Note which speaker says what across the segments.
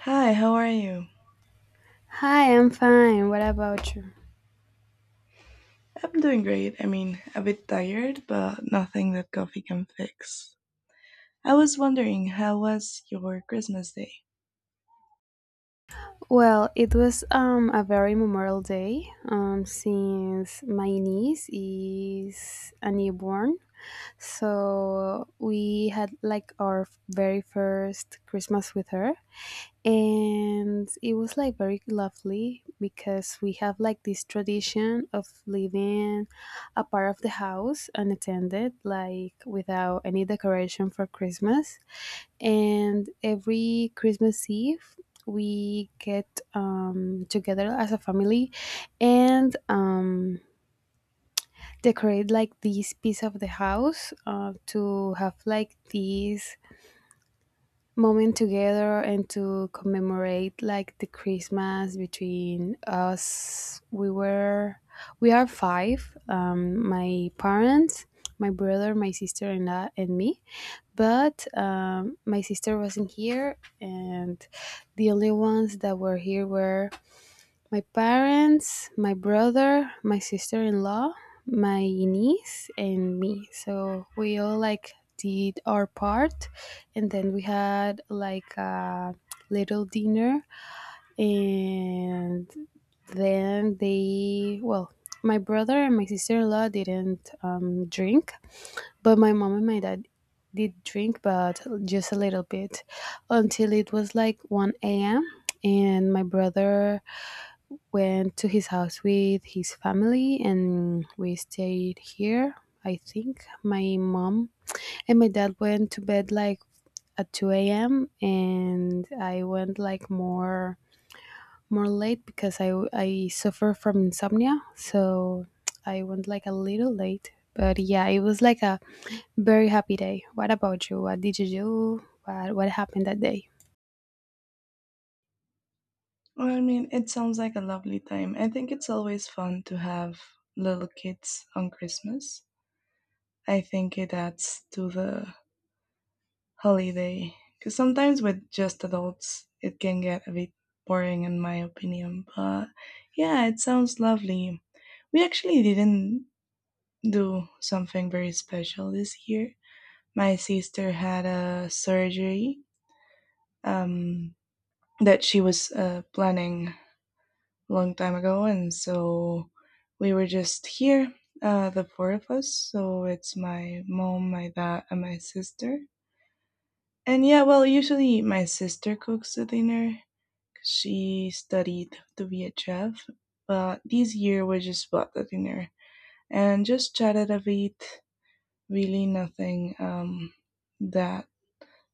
Speaker 1: Hi, how are you?
Speaker 2: Hi, I'm fine. What about you?
Speaker 1: I'm doing great. I mean, a bit tired, but nothing that coffee can fix. I was wondering, how was your Christmas day?
Speaker 2: Well, it was a very memorable day since my niece is a newborn. So we had like our very first Christmas with her, and it was like very lovely because we have like this tradition of leaving a part of the house unattended, like without any decoration for Christmas. And every Christmas Eve we get together as a family, and decorate like this piece of the house to have like this moment together and to commemorate like the Christmas between us. We are five: my parents, my brother, my sister, and I, and me, but my sister wasn't here, and the only ones that were here were my parents, my brother, my sister in law, my niece, and me. So we all like did our part, and then we had like a little dinner, and then they, well, my brother and my sister in law didn't drink, but my mom and my dad did drink, but just a little bit, until it was like 1 a.m. And my brother went to his house with his family and we stayed here, I think. My mom and my dad went to bed like at 2 a.m., and I went like more late because I suffer from insomnia. So I went like a little late. But yeah, it was like a very happy day. What about you? What did you do? What happened that day?
Speaker 1: Well, I mean, it sounds like a lovely time. I think it's always fun to have little kids on Christmas. I think it adds to the holiday. Because sometimes with just adults, it can get a bit boring, in my opinion. But yeah, it sounds lovely. We actually didn't do something very special this year. My sister had a surgery, um, that she was planning a long time ago, and so we were just here, the four of us. So it's my mom, my dad, and my sister. And yeah, well, usually my sister cooks the dinner. She studied to be a chef, but this year we just bought the dinner and just chatted a bit, really nothing that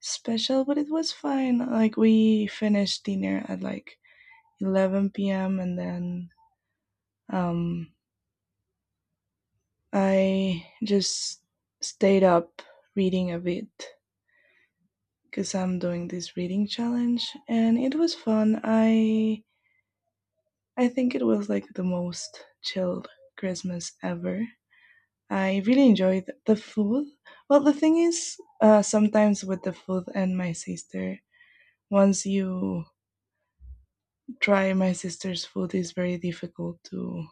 Speaker 1: special, but it was fine. Like we finished dinner at like 11 p.m., and then um, I just stayed up reading a bit because I'm doing this reading challenge, and it was fun. I think it was like the most chilled Christmas ever. I really enjoyed the food. Well, the thing is, sometimes with the food and my sister, once you try my sister's food, is very difficult to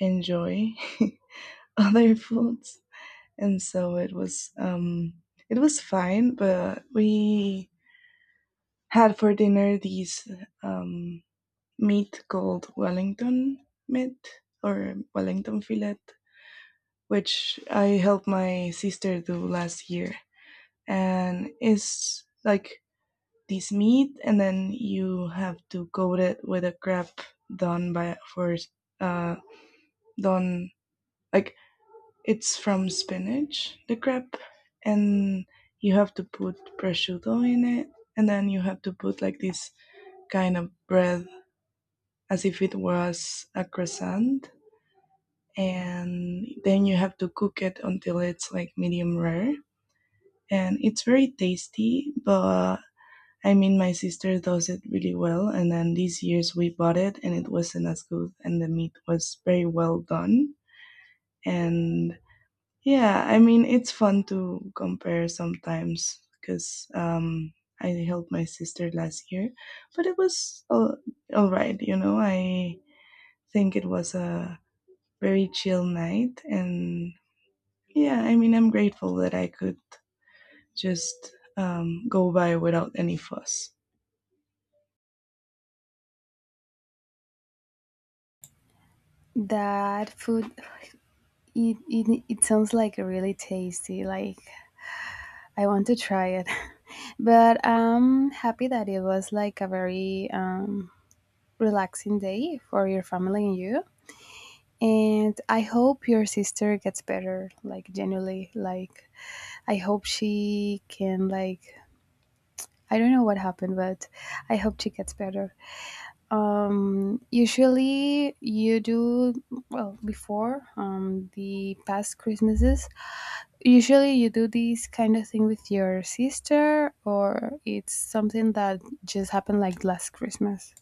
Speaker 1: enjoy other foods. And so it was fine, but we had for dinner these um meat called wellington meat, or wellington fillet, which I helped my sister do last year. And it's like this meat, and then you have to coat it with a crepe done by for uh done, like it's from spinach, the crepe, and you have to put prosciutto in it, and then you have to put like this kind of bread as if it was a croissant, and then you have to cook it until it's like medium rare, and it's very tasty, but I mean, my sister does it really well, and then these years we bought it, and it wasn't as good, and the meat was very well done. And yeah, I mean, it's fun to compare sometimes because I helped my sister last year, but it was all right, you know. I think it was a very chill night, and yeah, I mean, I'm grateful that I could just go by without any fuss.
Speaker 2: That food, it sounds like really tasty. Like, I want to try it. But I'm happy that it was like a very relaxing day for your family and you. And I hope your sister gets better, like, genuinely. Like, I hope she can, like, I don't know what happened, but I hope she gets better. Usually you do well before the past Christmases. Usually you do this kind of thing with your sister, or it's something that just happened like last Christmas.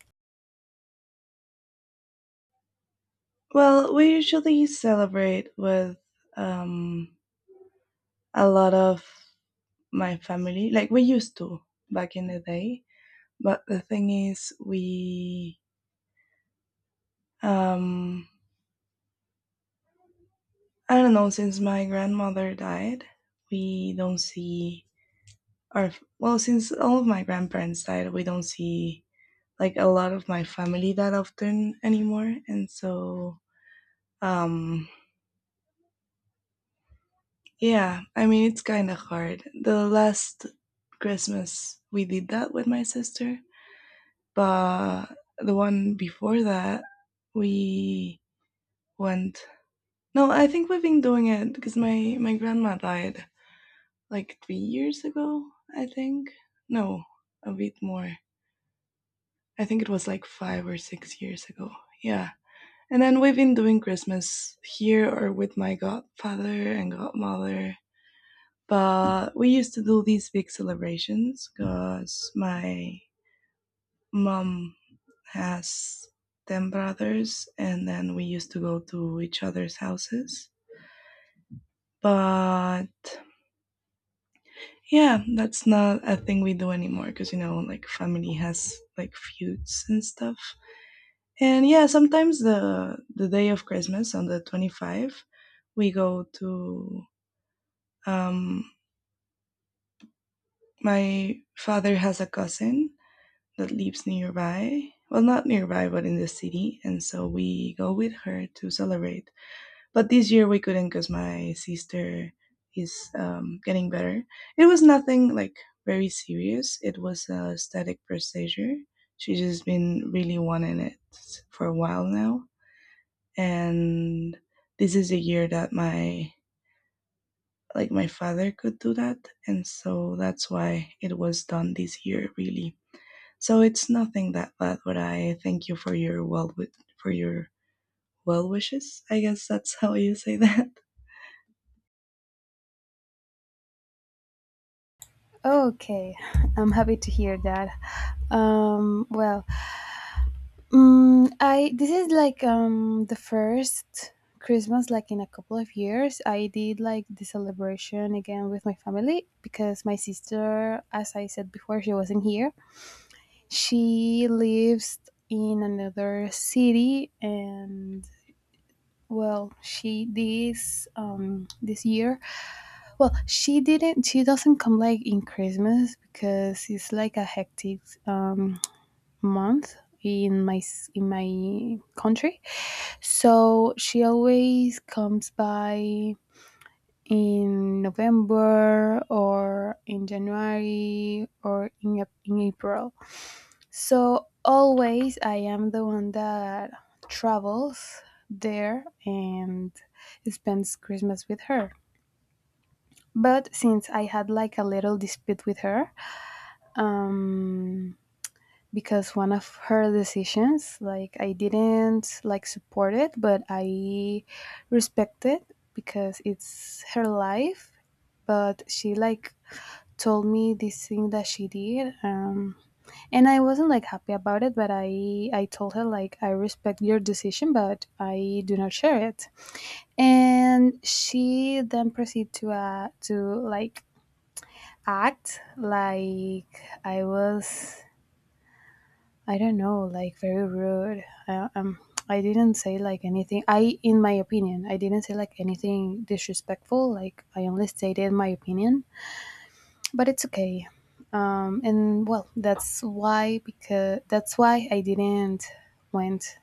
Speaker 1: Well, we usually celebrate with um, a lot of my family, like we used to back in the day. But the thing is, we, um, I don't know, since my grandmother died, we don't see our, well, since all of my grandparents died, we don't see like a lot of my family that often anymore. And so, um, yeah, I mean, it's kind of hard. The last Christmas, we did that with my sister. But the one before that, we went. No, I think we've been doing it because my grandma died like 3 years ago. I think no, a bit more. I think it was like 5 or 6 years ago. Yeah. And then we've been doing Christmas here or with my godfather and godmother. But we used to do these big celebrations because my mom has 10 brothers, and then we used to go to each other's houses. But yeah, that's not a thing we do anymore, because you know, like family has like feuds and stuff. And yeah, sometimes the day of Christmas, on the 25, we go to um my father has a cousin that lives nearby, well not nearby but in the city, and so we go with her to celebrate. But this year we couldn't because my sister is, getting better. It was nothing like very serious. It was a static procedure. She's just been really wanting it for a while now, and this is a year that my, like my father could do that, and so that's why it was done this year, really. So it's nothing that bad. But I thank you for your well with for your well wishes. I guess that's how you say that.
Speaker 2: Okay, I'm happy to hear that. Well, Mm, I this is like the first Christmas like in a couple of years. I did like the celebration again with my family because my sister, as I said before, she wasn't here. She lives in another city. And well, she this this year, well, she doesn't come like in Christmas because it's like a hectic um month in in my country. So she always comes by in November, or in January, or in, in April. So always I am the one that travels there and spends Christmas with her. But since I had like a little dispute with her, um, because one of her decisions, like, I didn't like support it but I respect it because it's her life. But she like told me this thing that she did, and I wasn't like happy about it, but I told her, like, I respect your decision but I do not share it. And she then proceeded to like act like I was, I don't know, like very rude. I didn't say like anything. I, in my opinion, I didn't say like anything disrespectful. Like I only stated my opinion, but it's okay. And well, that's why because that's why I didn't went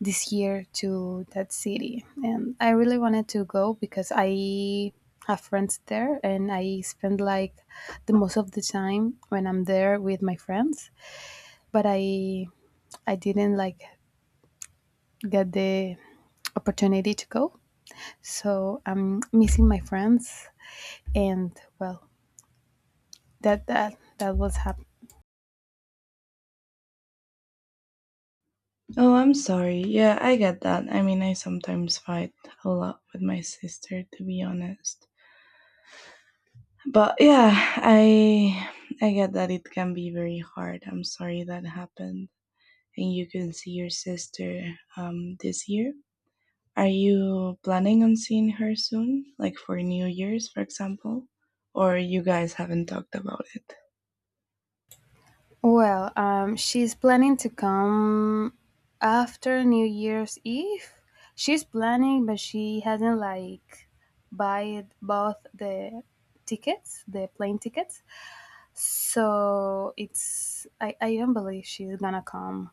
Speaker 2: this year to that city, and I really wanted to go because I have friends there, and I spend like the most of the time when I'm there with my friends. But I didn't like get the opportunity to go. So I'm missing my friends, and well, that was happening.
Speaker 1: Oh, I'm sorry. Yeah, I get that. I mean, I sometimes fight a lot with my sister, to be honest. But yeah, I I get that it can be very hard. I'm sorry that happened. And you can see your sister this year. Are you planning on seeing her soon, like for New Year's, for example? Or you guys haven't talked about it?
Speaker 2: Well, she's planning to come after New Year's Eve. She's planning, but she hasn't like buy both the tickets, the plane tickets. So it's, I don't believe she's gonna come.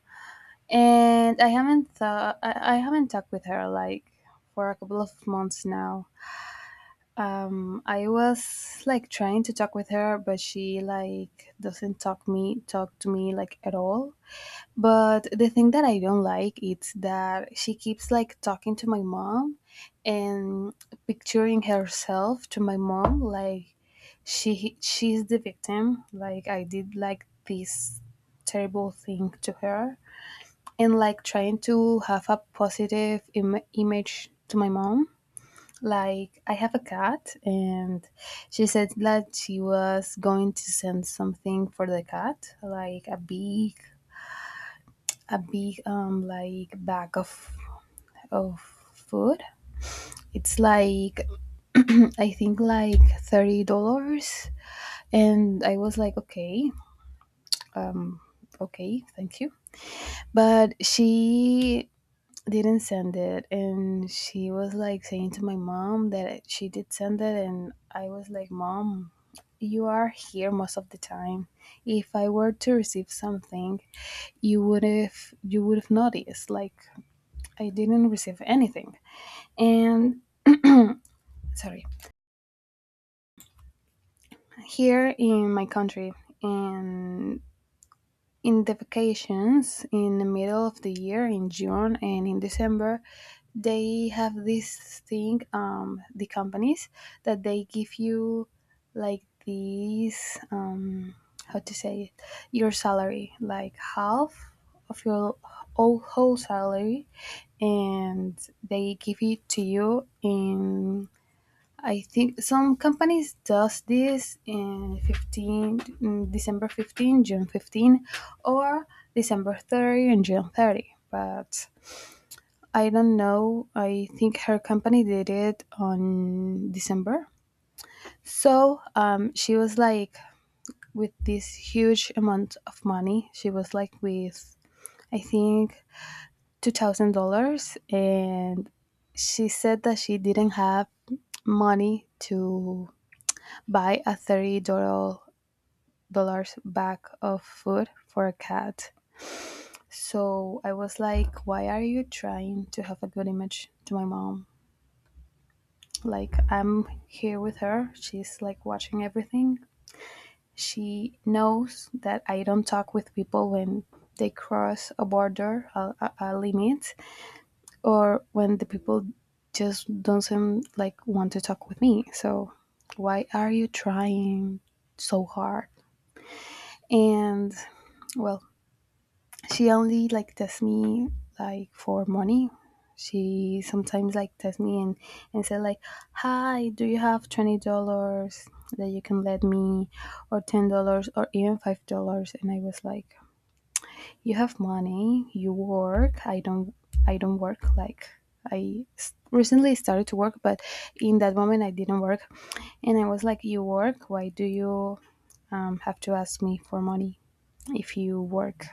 Speaker 2: And I haven't talked with her like for a couple of months now. I was like trying to talk with her, but she like doesn't talk to me like at all. But the thing that I don't like is that she keeps like talking to my mom and picturing herself to my mom like she's the victim, like I did like this terrible thing to her, and like trying to have a positive image to my mom. Like I have a cat, and she said that she was going to send something for the cat, like a big like bag of food. It's like, I think, like $30, and I was like, okay, okay, thank you. But she didn't send it, and she was like saying to my mom that she did send it. And I was like, mom, you are here most of the time. If I were to receive something, you would have noticed, like, I didn't receive anything. And sorry, here in my country and. in the vacations, in the middle of the year, in June and in December, they have this thing, the companies, that they give you like these, how to say it, your salary, like half of your whole, whole salary, and they give it to you in, I think some companies does this in 15 December 15, June 15, or December 30 and June 30. But I don't know. I think her company did it on December. So, she was like with this huge amount of money. She was like with, I think, $2,000. And she said that she didn't have money to buy a thirty-dollar dollars bag of food for a cat. So I was like, why are you trying to have a good image to my mom? Like I'm here with her, she's like watching everything. She knows that I don't talk with people when they cross a border, a limit, or when the people just don't seem like want to talk with me. So why are you trying so hard? And well, she only like tests me, like, for money. She sometimes like tests me and say like, "Hi, do you have $20 that you can let me, or $10, or even $5?" And I was like, "You have money. You work. I don't. I don't work. Like recently started to work, but in that moment I didn't work." And I was like, "You work. Why do you have to ask me for money if you work?"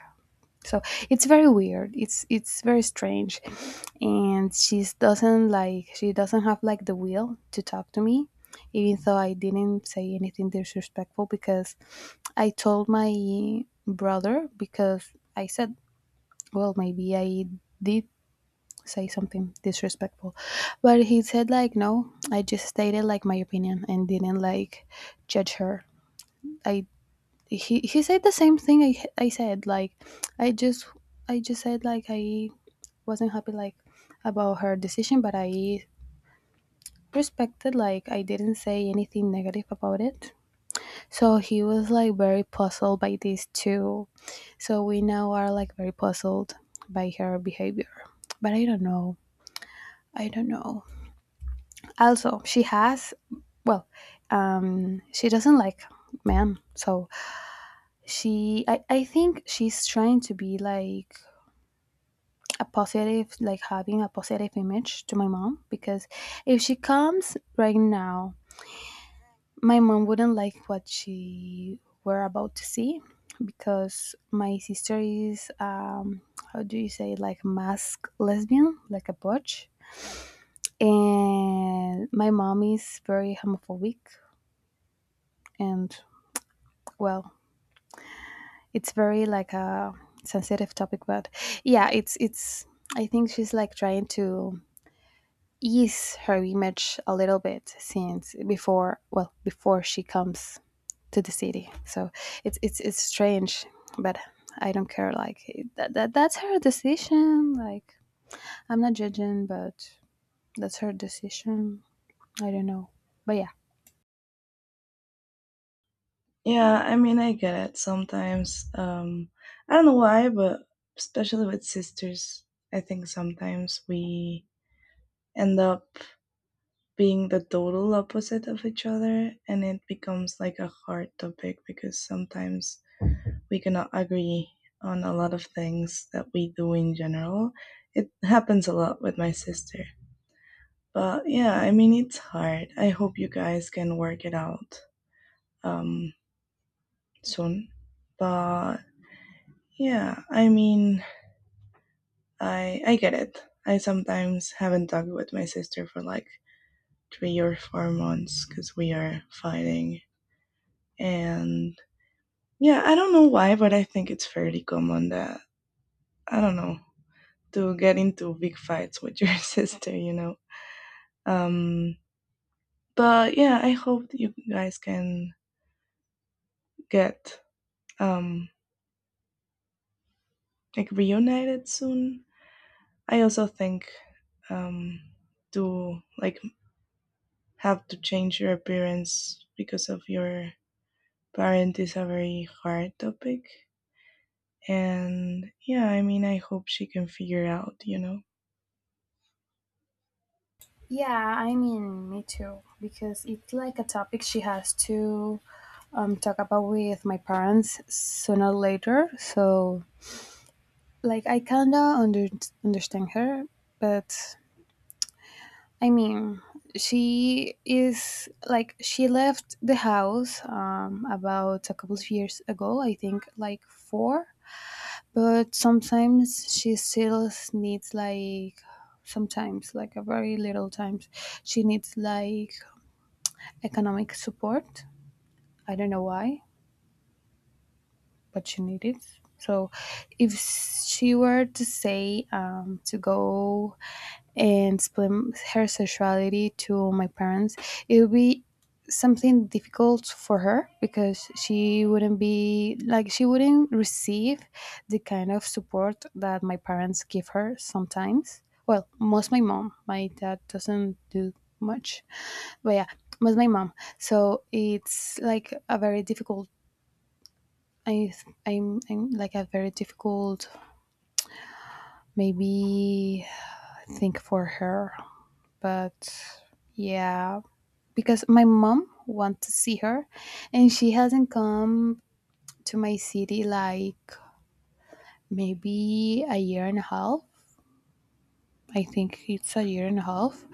Speaker 2: So it's very weird, it's very strange. And she doesn't like, she doesn't have like the will to talk to me, even though I didn't say anything disrespectful. Because I told my brother, because I said, well, maybe I did say something disrespectful. But he said, like, no, I just stated like my opinion and didn't like judge her. I he said the same thing I said, like, i just I just said like I wasn't happy, like, about her decision, but I respected, like, I didn't say anything negative about it. So he was like very puzzled by this too. So we now are like very puzzled by her behavior. But I don't know, I don't know. Also she has, well, she doesn't like men, so she, I think she's trying to be like a positive, like having a positive image to my mom. Because if she comes right now, my mom wouldn't like what she were about to see, because my sister is, how do you say, like mask lesbian, like a butch. And my mom is very homophobic. And, well, it's very like a sensitive topic, but yeah, it's, I think she's like trying to ease her image a little bit, since before, well, before she comes to the city. So it's, it's strange. But I don't care, like, that that's her decision, like, I'm not judging, but that's her decision, I don't know, but yeah.
Speaker 1: Yeah, I mean, I get it. Sometimes, I don't know why, but especially with sisters, I think sometimes we end up being the total opposite of each other, and it becomes like a hard topic because sometimes we cannot agree on a lot of things that we do in general. It happens a lot with my sister. But yeah, I mean, it's hard. I hope you guys can work it out um, soon. But yeah, I mean, I get it. I sometimes haven't talked with my sister for like 3 or 4 months because we are fighting. And yeah, I don't know why, but I think it's fairly common that I don't know, to get into big fights with your sister, you know. Um, but yeah, I hope that you guys can get um, like reunited soon. I also think, um, to like have to change your appearance because of your parent is a very hard topic. And yeah, I mean, I hope she can figure out, you know.
Speaker 2: Yeah, I mean, me too, because it's like a topic she has to talk about with my parents sooner or later. So, like, I kinda understand her. But I mean, she is like, she left the house about a couple of years ago, I think like four, but sometimes she still needs, like, sometimes, like, a very little times she needs like economic support. I don't know why, but she needs it. So if she were to say, to go and explain her sexuality to my parents, it would be something difficult for her, because she wouldn't be like, she wouldn't receive the kind of support that my parents give her sometimes. Well, most my mom, my dad doesn't do much, but yeah, most my mom. So it's like a very difficult. I I'm like a very difficult maybe think for her, but yeah, because my mom wants to see her and she hasn't come to my city like maybe a year and a half. I think it's a year and a half.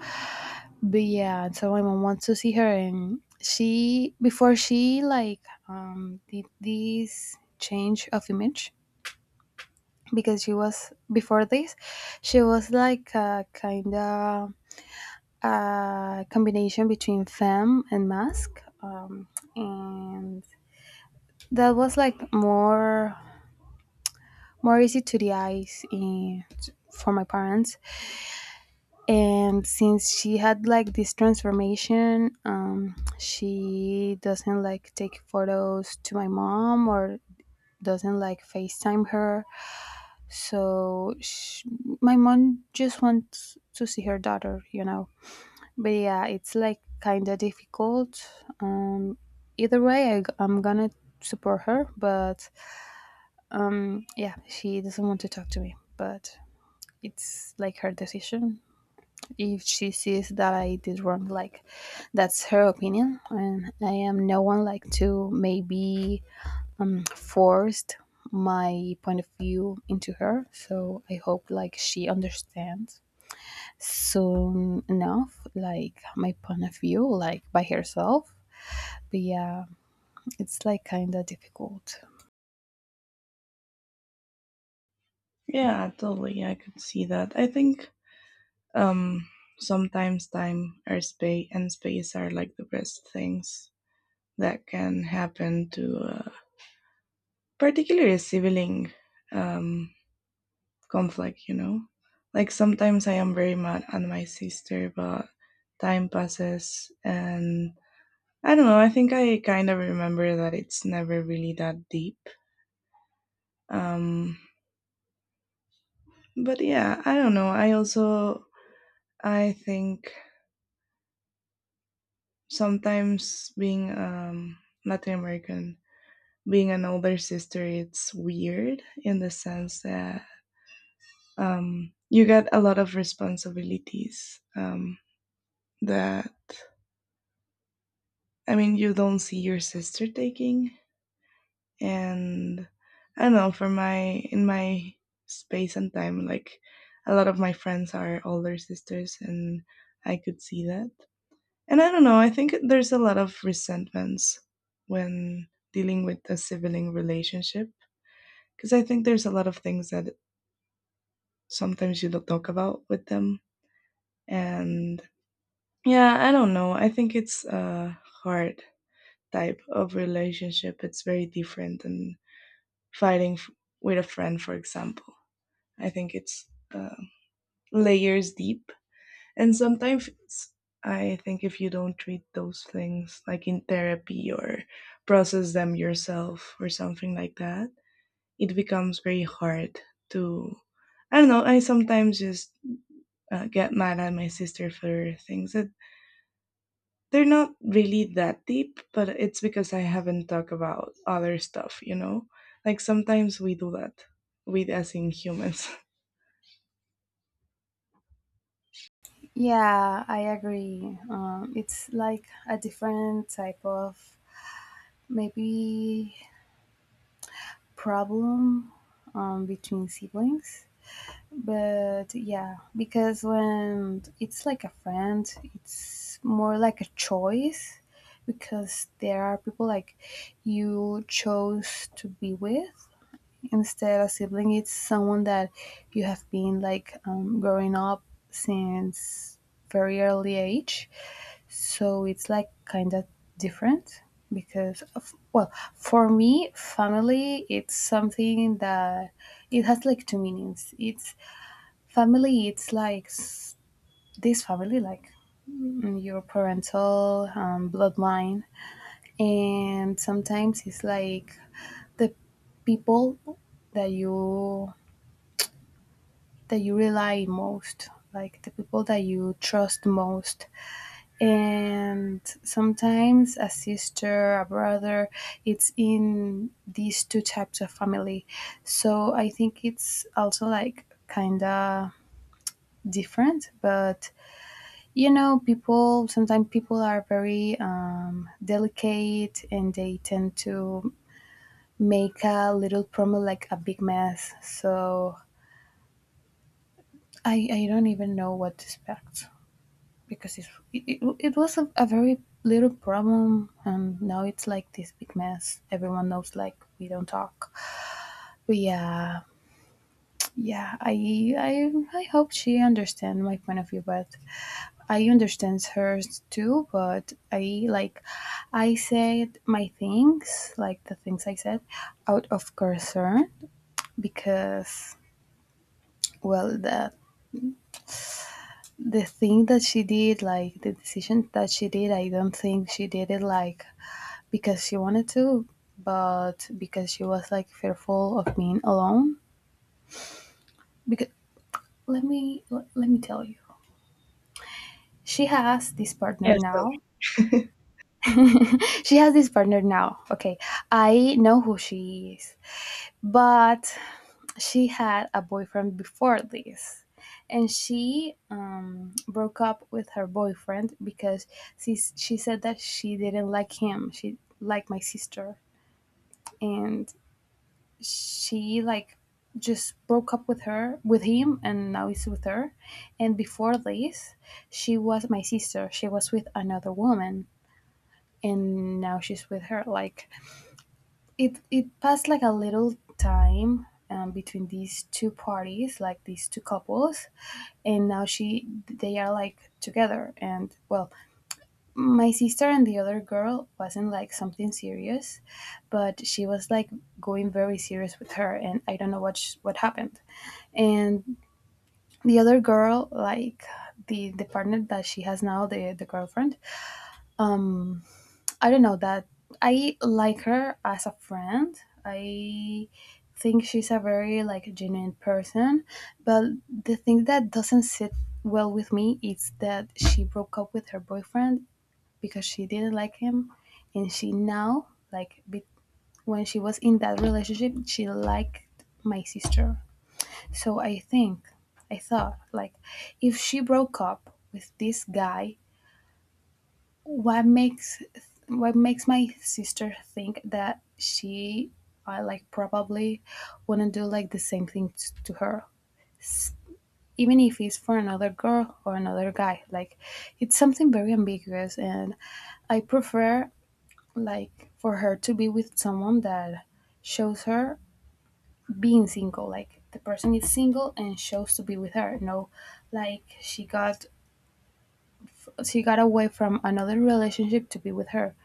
Speaker 2: But yeah, so my mom wants to see her, and she, before she like did this change of image, because she was before this, she was like a kind of a combination between femme and mask, and that was like more easy to the eyes in, for my parents, and since she had like this transformation, she doesn't like take photos to my mom or doesn't like FaceTime her. So sh my mom just wants to see her daughter. But yeah, it's like kind of difficult. Um, Either way, I'm gonna support her, but yeah, she doesn't want to talk to me, but it's like her decision. If she sees that I did wrong, like that's her opinion, and I am no one like to maybe forced my point of view into her. So I hope like she understands soon enough, like my point of view, like by herself. But yeah, it's like kind of difficult.
Speaker 1: Yeah, totally. I could see that. I think, um, sometimes time or space and space are like the best things that can happen to particularly a sibling um, conflict, you know? Like sometimes I am very mad at my sister, but time passes and I don't know, I think I kind of remember that it's never really that deep. Um, but yeah, I don't know. I also I think sometimes being Latin American, being an older sister, it's weird in the sense that you get a lot of responsibilities that, I mean, you don't see your sister taking. And I don't know, for my, in my space and time, like a lot of my friends are older sisters, and I could see that. And I don't know, I think there's a lot of resentments when dealing with a sibling relationship, because I think there's a lot of things that sometimes you don't talk about with them. And yeah, I don't know. I think it's a hard type of relationship. It's very different than fighting f- with a friend, for example. I think it's, uh, layers deep. And sometimes it's, I think if you don't treat those things like in therapy or process them yourself or something like that, it becomes very hard to. I don't know. I sometimes just get mad at my sister for things that they're not really that deep, but it's because I haven't talked about other stuff, you know? Like sometimes we do that with us in humans.
Speaker 2: Yeah, I agree. It's like a different type of maybe problem, between siblings. But yeah, because when it's like a friend, it's more like a choice, because there are people like you chose to be with. Instead, a sibling is someone that you have been like growing up since very early age. So it's like kind of different because of, well, for me, family it's something that it has like two meanings. It's family. It's like this family, like your parental bloodline, and sometimes it's like the people that you that you rely most, like the people that you trust most. And sometimes a sister, a brother, it's in these two types of family. So I think it's also like kind of different, but people sometimes people are very delicate, and they tend to make a little promo like a big mess. So I don't even know what to expect, because it was a very little problem and now it's like this big mess. Everyone knows like we don't talk, but yeah. Yeah, i, I hope she understands my point of view, but I understand hers too. But I like, I said my things, like the things I said out of concern, because well, the thing that she did, like the decision that she did, I don't think she did it like because she wanted to, but because she was like fearful of being alone. Because let me tell you, she has this partner
Speaker 1: Yes,
Speaker 2: now.
Speaker 1: tell me.
Speaker 2: She has this partner now. Okay, I know who she is, but she had a boyfriend before this, and she broke up with her boyfriend, because she said that she didn't like him. She liked my sister, and she like just broke up with her with him, and now he's with her. And before this, she was my sister, she was with another woman, and now she's with her, like it passed like a little time between these two parties, like these two couples. And now she they are like together. And well, my sister and the other girl wasn't like something serious, but she was like going very serious with her, and I don't know what what happened. And the other girl, like the partner that she has now, the girlfriend. um I don't know that I like her as a friend. I think she's a very like genuine person, but the thing that doesn't sit well with me is that she broke up with her boyfriend because she didn't like him, and she now like when she was in that relationship, she liked my sister. So I think, I thought, like, if she broke up with this guy, what makes what makes my sister think that she, I like, probably wouldn't do like the same thing to her, S- even if it's for another girl or another guy. Like, it's something very ambiguous, and I prefer, like, for her to be with someone that shows her being single, like the person is single and chose to be with her, no, like she got away from another relationship to be with her.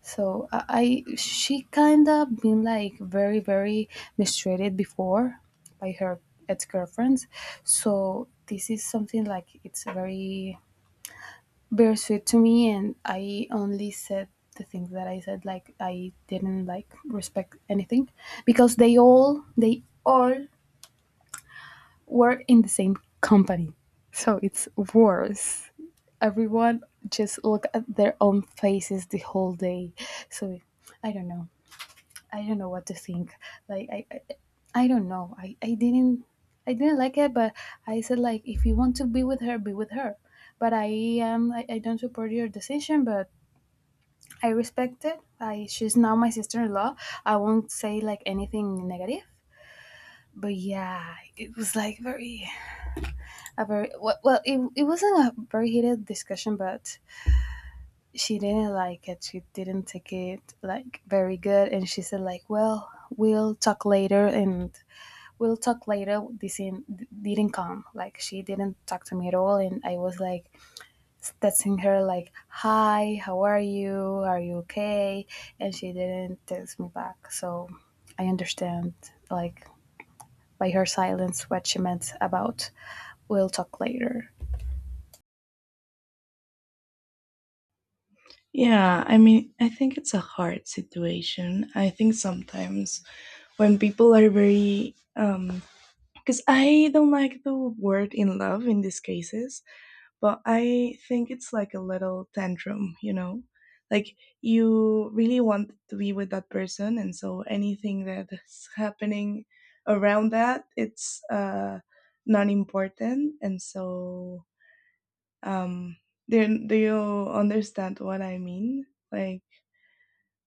Speaker 2: So I she kind of been like very very mistreated before by her ex-girlfriends. So this is something like it's very bittersweet to me, and I only said the things that I said, like I didn't like respect anything, because they all work in the same company. So it's worse. Everyone just look at their own faces the whole day. So I don't know. I don't know what to think. Like I don't know. I didn't like it, but I said like, if you want to be with her, be with her. But I don't support your decision, but I respect it. I she's now my sister in law. I won't say like anything negative. But yeah, it was like very a very, well, it wasn't a very heated discussion, but she didn't like it, she didn't take it like very good, and she said like, well, we'll talk later. And we'll talk later this in, didn't come, like she didn't talk to me at all. And I was like texting her like, hi, how are you, are you okay? And she didn't text me back. So I understand, like, by her silence what she meant about we'll talk later.
Speaker 1: Yeah, I mean, I think it's a hard situation. I think sometimes when people are very, because I don't like the word in love in these cases. But I think it's like a little tantrum, you know? Like you really want to be with that person, and so anything that's happening around that, it's, uh, not important. And so, um, do you understand what I mean? Like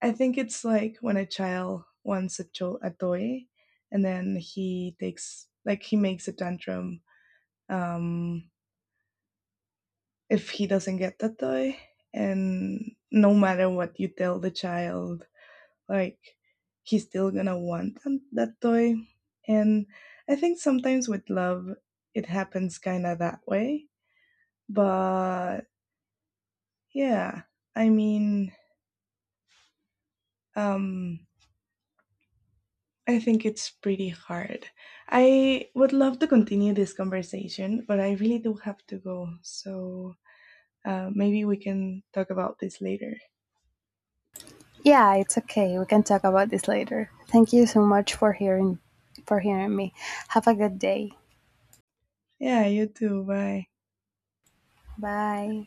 Speaker 1: I think it's like when a child wants a a toy, and then he takes, like he makes a tantrum, um, if he doesn't get the toy. And no matter what you tell the child, like he's still gonna want that toy. And I think sometimes with love, it happens kind of that way. But yeah, I mean, um, I think it's pretty hard. I would love to continue this conversation, but I really do have to go. So maybe we can talk about this later.
Speaker 2: Yeah, it's okay. We can talk about this later. Thank you so much for hearing me. Have a good day.
Speaker 1: Yeah, you too. Bye.
Speaker 2: Bye.